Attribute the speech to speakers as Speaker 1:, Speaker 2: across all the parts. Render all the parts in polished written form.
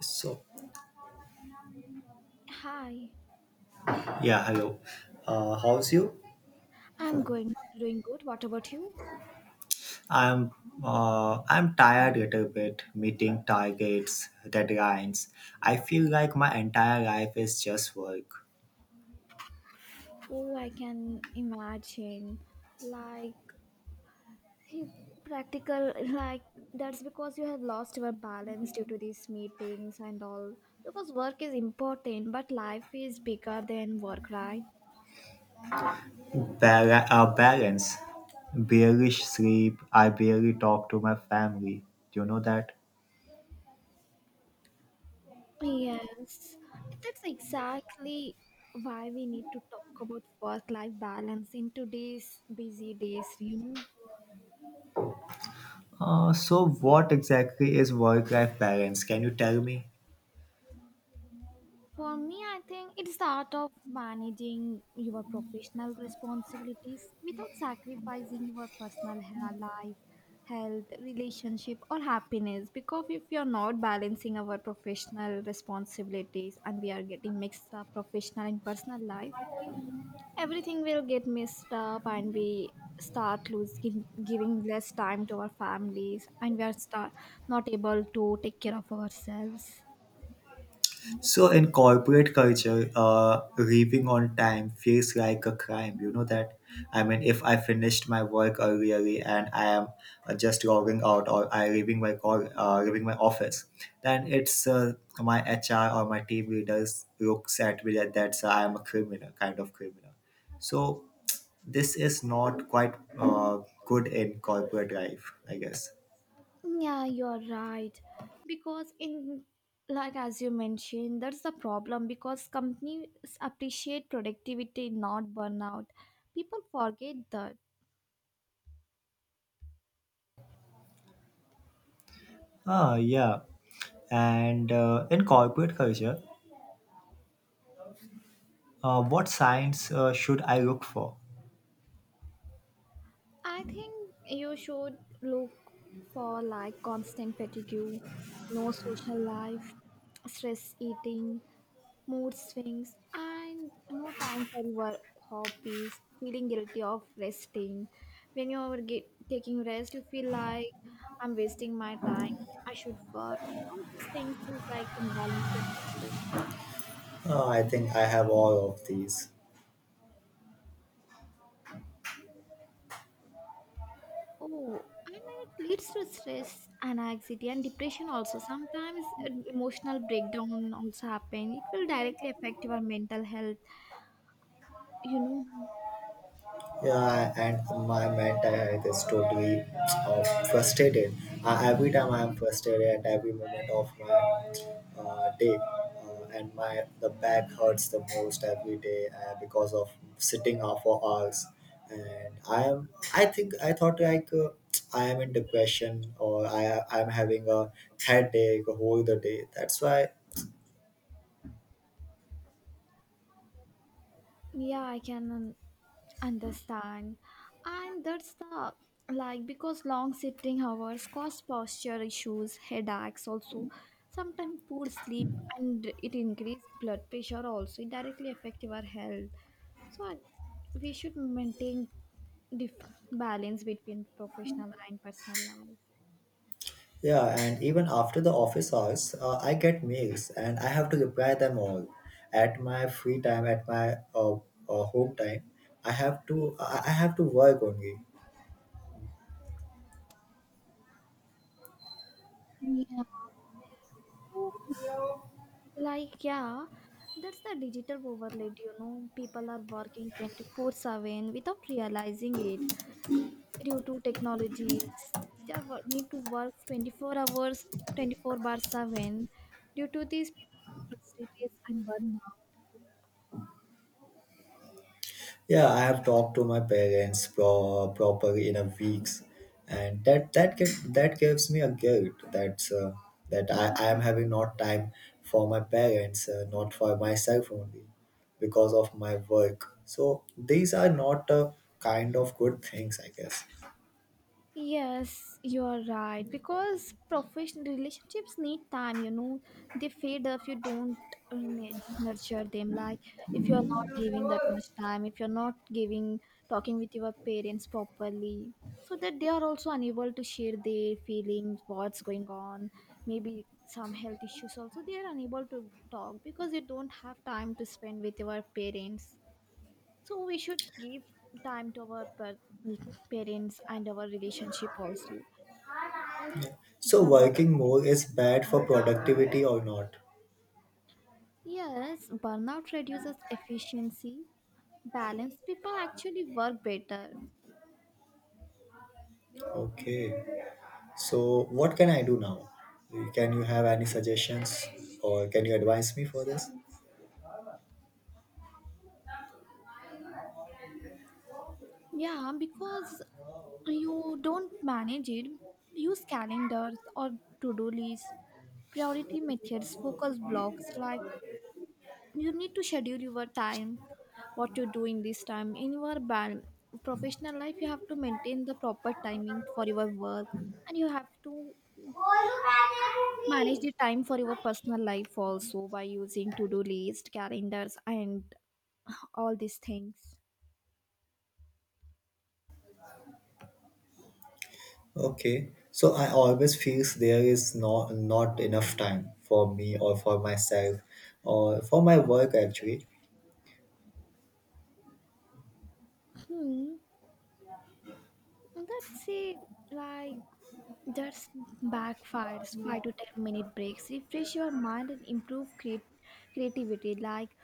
Speaker 1: So,
Speaker 2: Hi,
Speaker 1: yeah, hello. How's you?
Speaker 2: I'm going doing good. What about you?
Speaker 1: I'm I'm tired little bit meeting targets, deadlines. I feel like my entire life is just work.
Speaker 2: Oh, I can imagine. Like he practical That's because you have lost your balance due to these meetings and all. Because work is important, but life is bigger than work, right?
Speaker 1: Balance, barely sleep. I barely talk to my family. Do you know that?
Speaker 2: Yes. That's exactly why we need to talk about work life balance in today's busy days.
Speaker 1: So what exactly is work-life balance? Can you tell me?
Speaker 2: For me, I think it's the art of managing your professional responsibilities without sacrificing your personal life, health, relationship, or happiness. Because if you are not balancing our professional responsibilities and we are getting mixed up professional and personal life, everything will get mixed up and we start losing giving less time to our families and we are start not able to take care of ourselves.
Speaker 1: So in corporate culture, leaving on time feels like a crime. You know that. I mean, if I finished my work early and I am just logging out or I leaving my call, leaving my office, then it's my HR or my team leaders looks at me like that that's I am a criminal, kind of criminal. So this is not quite good in corporate life, I guess.
Speaker 2: Yeah, you're right. Because in like as you mentioned, that's the problem because companies appreciate productivity, not burnout. People forget that.
Speaker 1: Ah, yeah. And in corporate culture. What signs should I look for?
Speaker 2: I think you should look for like constant fatigue, no social life, stress eating, mood swings, and no time for your hobbies, feeling guilty of resting. When you are taking rest, you feel like I'm wasting my time, I should work. All these things is like imbalance in my life.
Speaker 1: I think I have all of these.
Speaker 2: Oh, and then it leads to stress and anxiety and depression also. Sometimes emotional breakdown also happen. It will directly affect your mental health. You know,
Speaker 1: Yeah, and my mental health is totally frustrated. Every time I am frustrated at every moment of my day, and my the back hurts the most every day because of sitting up for hours. And I am, I think I thought like I am in depression or I am having a headache whole the day. That's why
Speaker 2: yeah, I can understand. And that's the because long sitting hours cause posture issues, headaches also, sometimes poor sleep and it increase blood pressure also it directly affect your health. So we should maintain dif- balance between professional and personal life.
Speaker 1: yeah, and even after the office hours, I get mails and I have to reply them all. At my free time, at my home time, I have to work only.
Speaker 2: Yeah. So, like, yeah, that's the digital overload. People are working 24/7 without realizing it. Due to technologies they are need to work 24 hours 24 bar 7 due to these people are frustrated and burnout.
Speaker 1: Yeah, I have talked to my parents properly in a weeks, and that gives me a guilt that I am having not time for my parents, not for myself only, because of my work. So these are not a kind of good things, I guess.
Speaker 2: Yes, you are right. Because professional relationships need time. They fade if you don't nurture them. Like, if you're not giving that much time, if you're not giving, talking with your parents properly, so that they are also unable to share their feelings, what's going on, maybe some health issues also, they are unable to talk because you don't have time to spend with your parents. So we should give time to our parents and our relationship also. Let's
Speaker 1: So
Speaker 2: In our
Speaker 1: working
Speaker 2: current
Speaker 1: more is
Speaker 2: life.
Speaker 1: bad for productivity or not?
Speaker 2: Yes, burnout reduces efficiency, balance. People actually work better.
Speaker 1: Okay. So what can I do now? Can you have any suggestions or can you advise me for this?
Speaker 2: Yeah, because you don't manage it. Use calendars or to do lists, priority methods, focus blocks, like you need to schedule your time, what you do in this time, in your professional life you have to maintain the proper timing for your work, and you have to manage the time for your personal life also by using to-do list calendars and all these things.
Speaker 1: Okay. So I always feels there is not enough time for me or for myself or for my work actually.
Speaker 2: Hmm, that's it, like, that's backfires. 5 to 10 minute breaks refresh your mind and improve create creativity. Like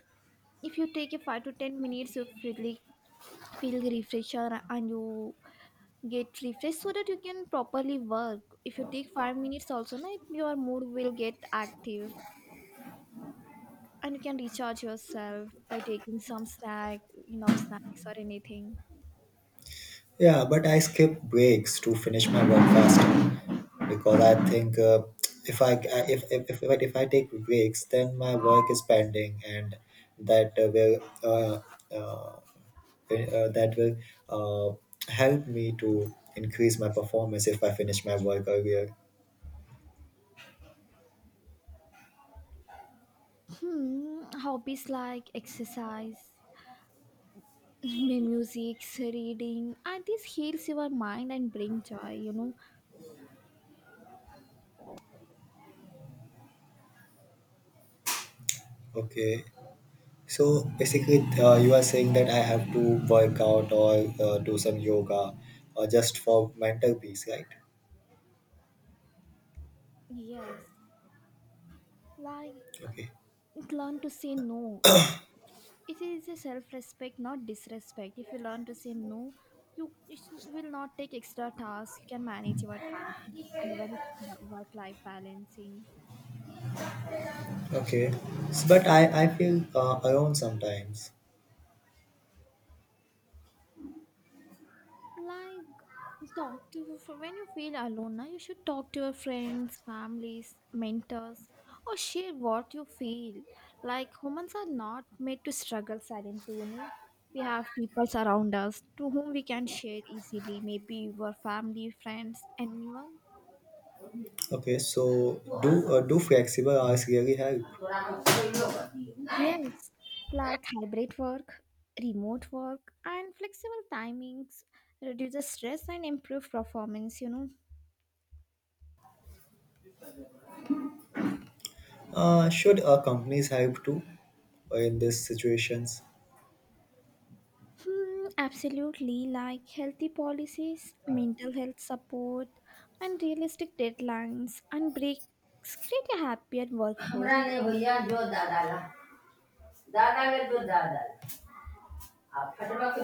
Speaker 2: if you take a 5 to 10 minutes of feel refresher and you get refreshed so that you can properly work. If you take 5 minutes also na, your mood will get active and you can recharge yourself by taking some snack, enough snacks or anything.
Speaker 1: Yeah, but I skip breaks to finish my work faster because I think if I if I take breaks, then my work is pending, and that will uh, that will uh, help me to increase my performance if I finish my work earlier.
Speaker 2: Hmm, hobbies like exercise music reading, and this heals your mind and bring joy.
Speaker 1: Okay. So basically, you are saying that I have to work out or do some yoga, or just for mental peace, right?
Speaker 2: Yes, like
Speaker 1: Okay.
Speaker 2: learn to say no. It is a self-respect, not disrespect. If you learn to say no, you will not take extra tasks, you can manage your time and your work-life balancing.
Speaker 1: Okay, but I feel alone sometimes.
Speaker 2: Like, talk to when you feel alone now you should talk to your friends, families, mentors, or share what you feel. Like humans are not made to struggle silently. We have people around us to whom we can share easily, maybe your family, friends, anyone.
Speaker 1: Okay, so do flexible hours really help?
Speaker 2: Yes, like hybrid work, remote work, and flexible timings reduces stress and improve performance.
Speaker 1: Should companies help too in these situations?
Speaker 2: Hmm, absolutely, like healthy policies, mental health support, and realistic deadlines and breaks create a happier workforce.
Speaker 1: हमरा
Speaker 2: You
Speaker 1: ने
Speaker 2: know,
Speaker 1: भैया जो दादा ला दादा के जो दादा ला आ फटवा के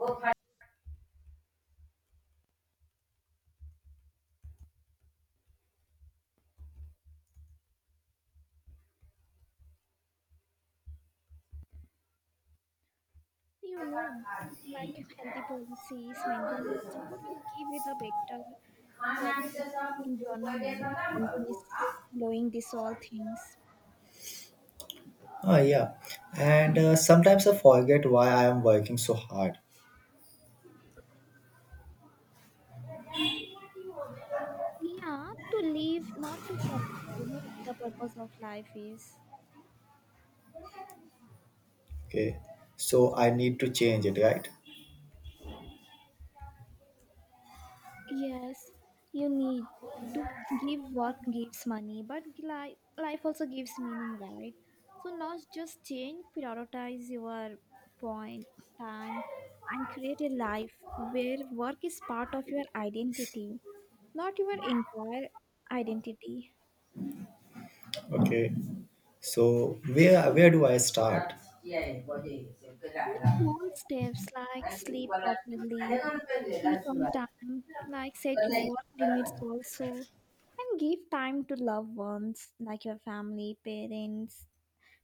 Speaker 1: वो फट
Speaker 2: You know, like healthy policies, mental health support will give you the better
Speaker 1: खाना
Speaker 2: work
Speaker 1: भी तो सब वो पहले
Speaker 2: environment.
Speaker 1: खत्म कर वो
Speaker 2: Companies
Speaker 1: खा.
Speaker 2: following these all things.
Speaker 1: Ah, yeah, and sometimes I forget why I am working so hard.
Speaker 2: Yeah, to live, not to survive. The purpose of life is,
Speaker 1: Okay, so I need to change it, right?
Speaker 2: yes, you need to give work gives money, but life also gives meaning, right? So, not just change, prioritize your point, time, and create a life where work is part of your identity, not your entire identity.
Speaker 1: Okay. So where do I start? Yeah, okay. So
Speaker 2: With small steps like sleep properly, eat on time, like set your work limits also, and give time to loved ones like your family, parents,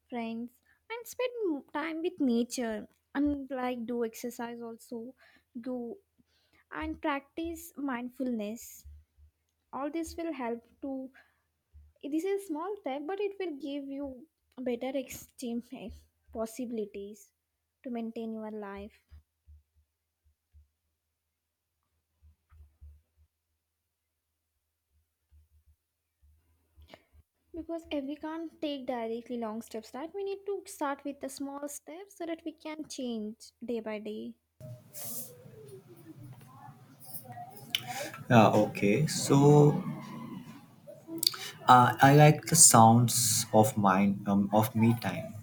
Speaker 2: friends, and spend time with nature, and like do exercise also, go and practice mindfulness. All this will help to. This is a small step, but it will give you better exchange possibilities to maintain your life. Because if we can't take directly long steps, right? We need to start with the small steps so that we can change day by day.
Speaker 1: I like the sounds of mine of me time.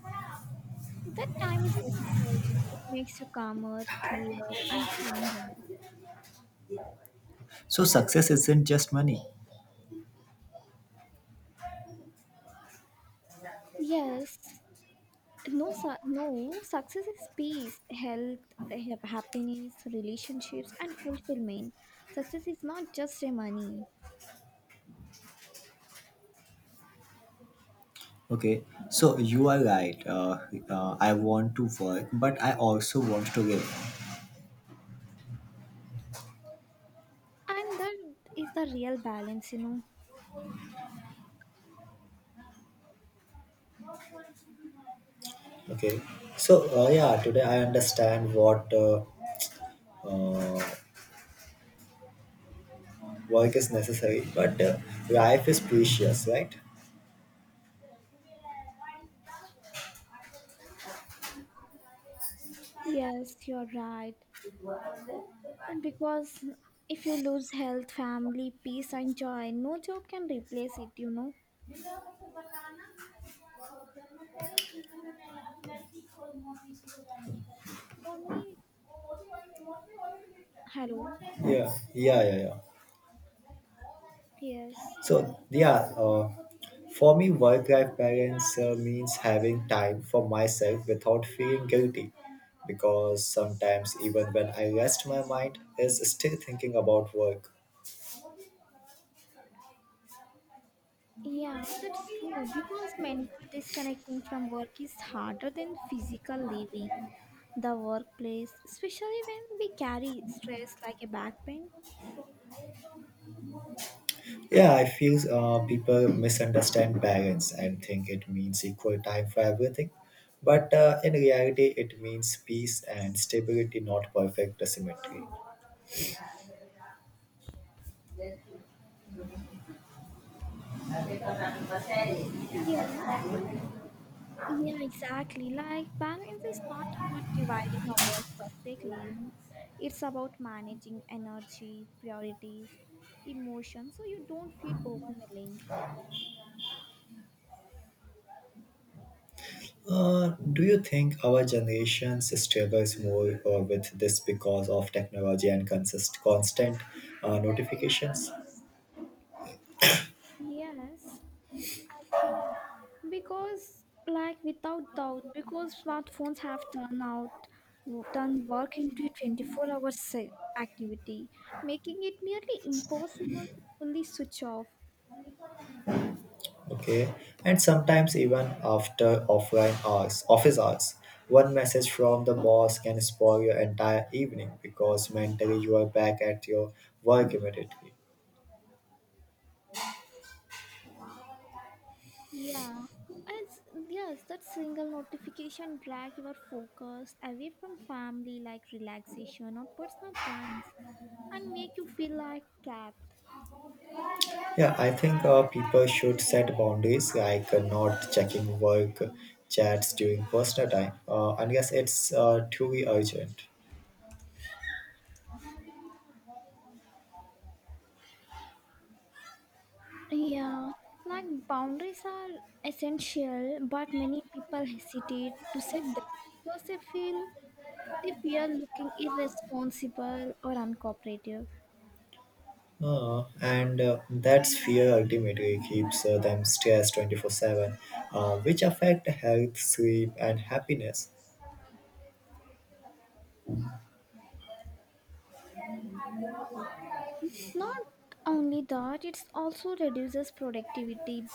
Speaker 2: That time is necessary. It makes you calmer, clearer, and kinder.
Speaker 1: So success isn't just money.
Speaker 2: Yes. No, no. Success is peace, health, happiness, relationships, and fulfillment. Success is not just a money,
Speaker 1: Okay. So you are right. I want to work, but I also want to live.
Speaker 2: and that is the real balance.
Speaker 1: Okay. So yeah, today I understand what uh, work is necessary, but life is precious, right?
Speaker 2: Yes, you're right. Because if you lose health, family, peace, and joy, no job can replace it. For me, hello.
Speaker 1: Yeah, yeah, yeah, yeah.
Speaker 2: Yes.
Speaker 1: So, yeah, for me, work life balance means having time for myself without feeling guilty because sometimes, even when I rest, my mind is still thinking about work.
Speaker 2: Yeah, that's true. Because mental disconnecting from work is harder than physical leaving the workplace, especially when we carry stress like a back pain.
Speaker 1: Yeah, I feel people misunderstand parents and think it means equal time for everything. But in reality, it means peace and stability, not perfect symmetry.
Speaker 2: Yes, I yeah, exactly. Like balance is not about dividing our work perfectly. It's about managing energy, priorities, emotions, so you don't feel overwhelming.
Speaker 1: Do you think our generation struggles more with this because of technology and constant notifications?
Speaker 2: Yes, I think because like without doubt, because smartphones have turned work into a 24-hour activity, making it nearly impossible to fully switch off.
Speaker 1: Okay, and sometimes even after offline hours, office hours, one message from the boss can spoil your entire evening because mentally you are back at your work immediately.
Speaker 2: Yeah, it's yes, that single notification drag your focus away from family like relaxation or personal plans and make you feel like trapped.
Speaker 1: Yeah, I think people should set boundaries like not checking work chats during personal time unless it's truly urgent.
Speaker 2: Yeah, like boundaries are essential, but many people hesitate to set them because they fear looking irresponsible or uncooperative.
Speaker 1: And that's fear ultimately keeps them stressed 24/7, which affect health, sleep, and happiness.
Speaker 2: Not only that, it also reduces productivity.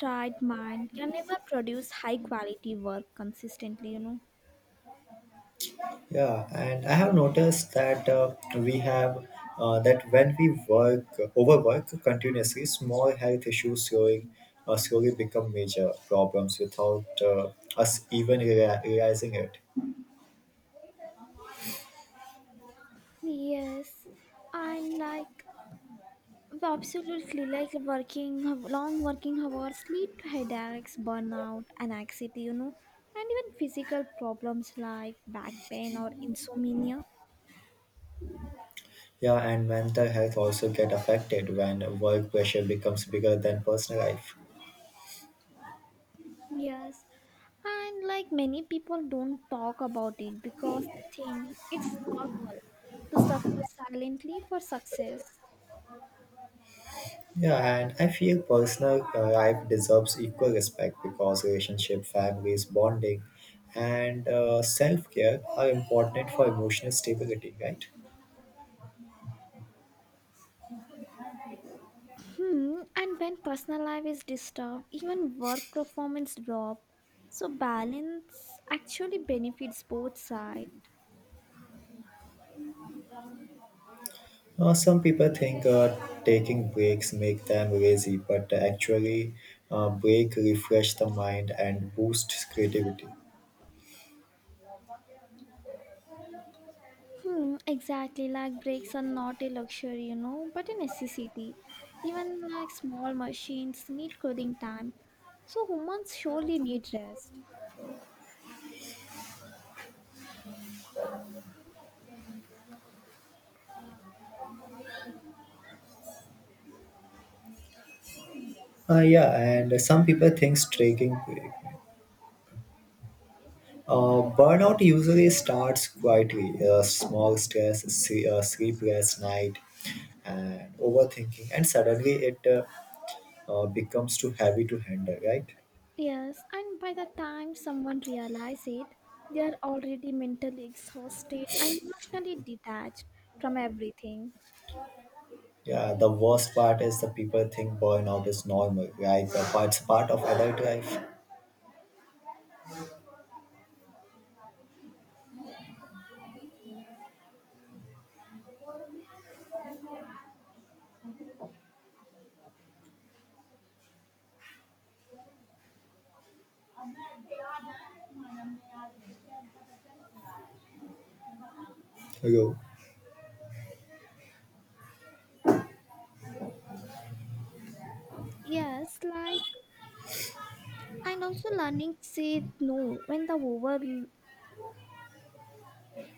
Speaker 2: Tired mind can never produce high quality work consistently.
Speaker 1: Yeah, and I have noticed that we have that when we work overwork continuously, small health issues slowing slowly become major problems without us even realizing it.
Speaker 2: Yes, and like absolutely, like working long working hours lead to headaches, burnout, and anxiety, and even physical problems like back pain or insomnia.
Speaker 1: Yeah, and mental health also get affected when work pressure becomes bigger than personal life.
Speaker 2: Yes, and like many people don't talk about it because they think it's normal to suffer silently for success.
Speaker 1: Yeah, and I feel personal life deserves equal respect because relationship, families, bonding, and self care are important for emotional stability, right?
Speaker 2: Hmm, and when personal life is disturbed, even work performance drop. So balance actually benefits both sides.
Speaker 1: Some people think taking breaks make them lazy, but actually, break refresh the mind and boosts creativity.
Speaker 2: Hmm, exactly. Like breaks are not a luxury, but a necessity. Even like small machines need cooling time. So humans surely need rest.
Speaker 1: Yeah, and some people think taking break. Burnout usually starts quietly, small stress, sleepless night, and overthinking, and suddenly it becomes too heavy to handle, right?
Speaker 2: Yes, and by the time someone realizes it, they are already mentally exhausted and emotionally detached from everything.
Speaker 1: Yeah, the worst part is the people think burnout is normal, like it's part of adult life. Hello.
Speaker 2: Yes, like, and also learning to say no when the over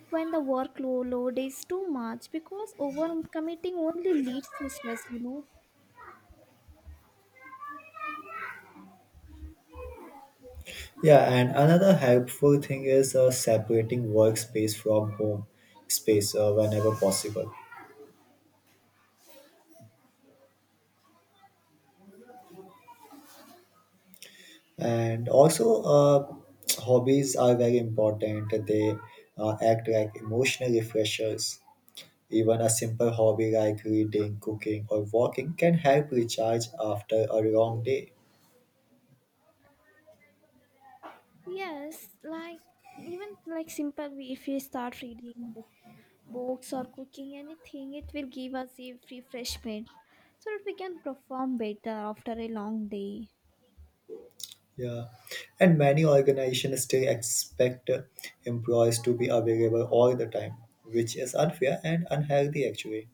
Speaker 2: when the workload is too much because overcommitting only leads to stress.
Speaker 1: Yeah, and another helpful thing is separating workspace from home space whenever possible. And also, hobbies are very important. They act like emotional refreshers. Even a simple hobby like reading, cooking, or walking can help recharge after a long day.
Speaker 2: Yes, like even like simple way, if you start reading books or cooking anything it will give us a refreshment so that we can perform better after a long day.
Speaker 1: Yeah, and many organizations still expect employees to be available all the time, which is unfair and unhealthy actually.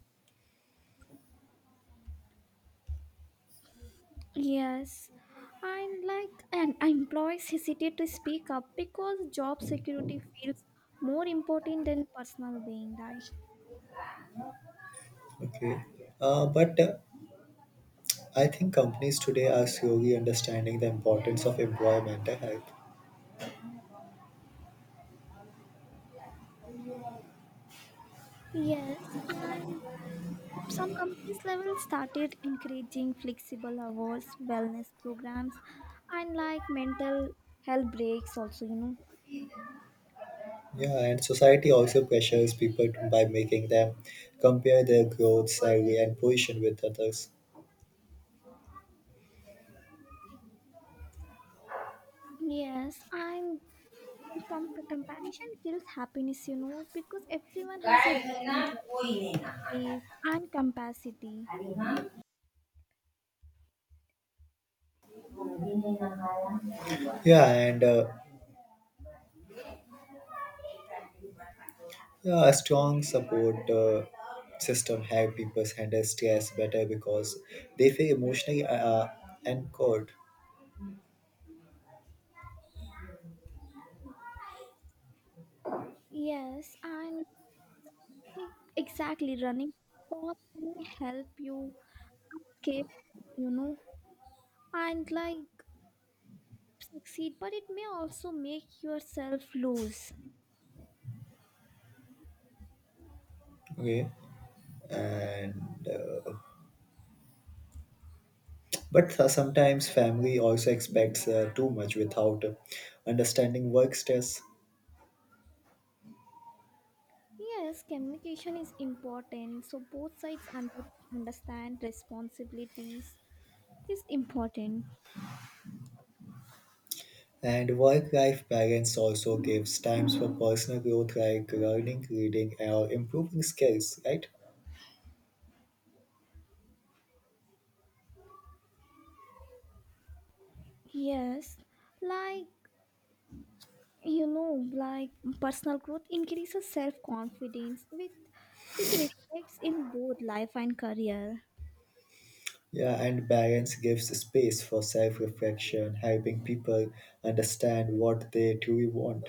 Speaker 2: Yes, and like, and employees hesitate to speak up because job security feels more important than personal being, right?
Speaker 1: Okay. But I think companies today are slowly understanding the importance of employer mental health.
Speaker 2: Yes, and some companies level started encouraging flexible hours wellness programs and like mental health breaks also.
Speaker 1: Yeah, and society also pressures people by making them compare their growth, salary, and position with others.
Speaker 2: Yes, and comparison kills happiness, because everyone has a different journey, pace, and capacity.
Speaker 1: Yeah, and uh, yeah, a strong support system help people handle stress better because they feel emotionally anchored.
Speaker 2: Yes, and like exactly, running path may help you escape, you know, and like succeed, but it may also make yourself lose.
Speaker 1: Okay. and but sometimes family also expects too much without understanding work stress,
Speaker 2: Yes, communication is important, so both sides understand responsibilities is important.
Speaker 1: and work life balance also gives times for personal growth like learning reading or improving skills, right?
Speaker 2: Yes, like, like personal growth increases self-confidence with which reflects in both life and career.
Speaker 1: Yeah, and balance gives space for self reflection helping people understand what they truly want.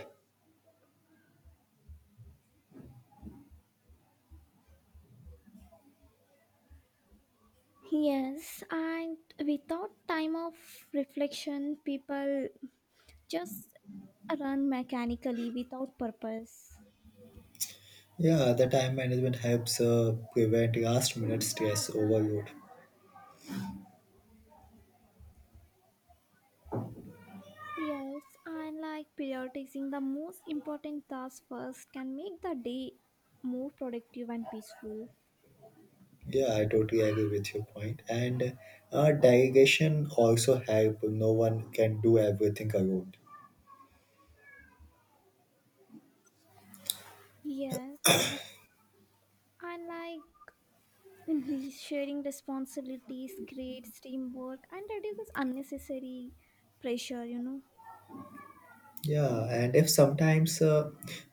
Speaker 2: Yes, and without time of reflection people just run mechanically without purpose.
Speaker 1: Yeah, the time management helps prevent last minute stress overload.
Speaker 2: Yes, and like prioritizing the most important tasks first can make the day more productive and peaceful.
Speaker 1: Yeah, I totally agree with your point. And delegation also help. No one can do everything alone.
Speaker 2: Yes, and like, And the sharing responsibilities creates teamwork and reduces unnecessary pressure.
Speaker 1: Yeah, and if sometimes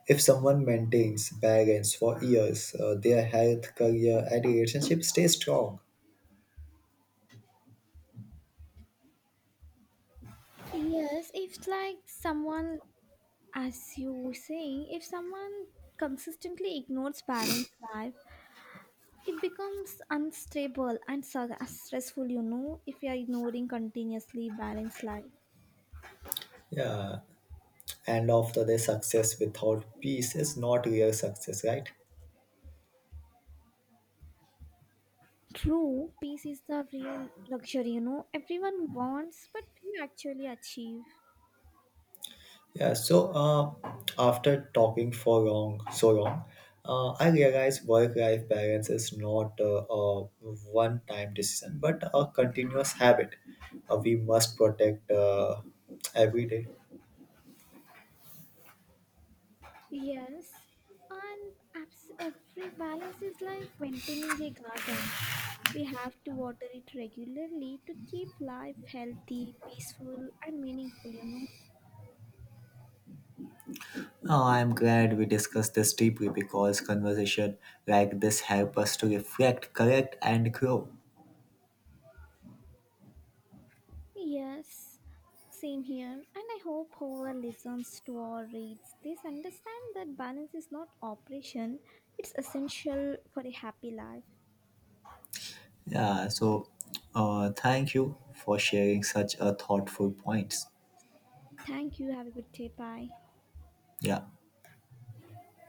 Speaker 1: if someone maintains balance for years, their health, career, and relationship stay strong.
Speaker 2: Yes, if like someone, as you were saying, if someone consistently ignores balanced life, it becomes unstable and stressful, if you are ignoring continuously balanced life.
Speaker 1: Yeah, and after their success without peace is not real success, right?
Speaker 2: True, peace is the real luxury, everyone wants, but few actually achieve.
Speaker 1: Yeah, so after talking for long, so long, I realized work-life balance is not a one-time decision, but a continuous habit. We must protect every day.
Speaker 2: Yes, and every balance is like maintaining a garden. We have to water it regularly to keep life healthy, peaceful, and meaningful.
Speaker 1: Oh, I'm glad we discussed this deeply because conversation like this help us to reflect, correct, and grow.
Speaker 2: Yes, same here. And I hope whoever listens to or reads this understand that balance is not operation, it's essential for a happy life.
Speaker 1: Yeah, so thank you for sharing such a thoughtful points.
Speaker 2: Thank you. Have a good day. Bye.
Speaker 1: Yeah.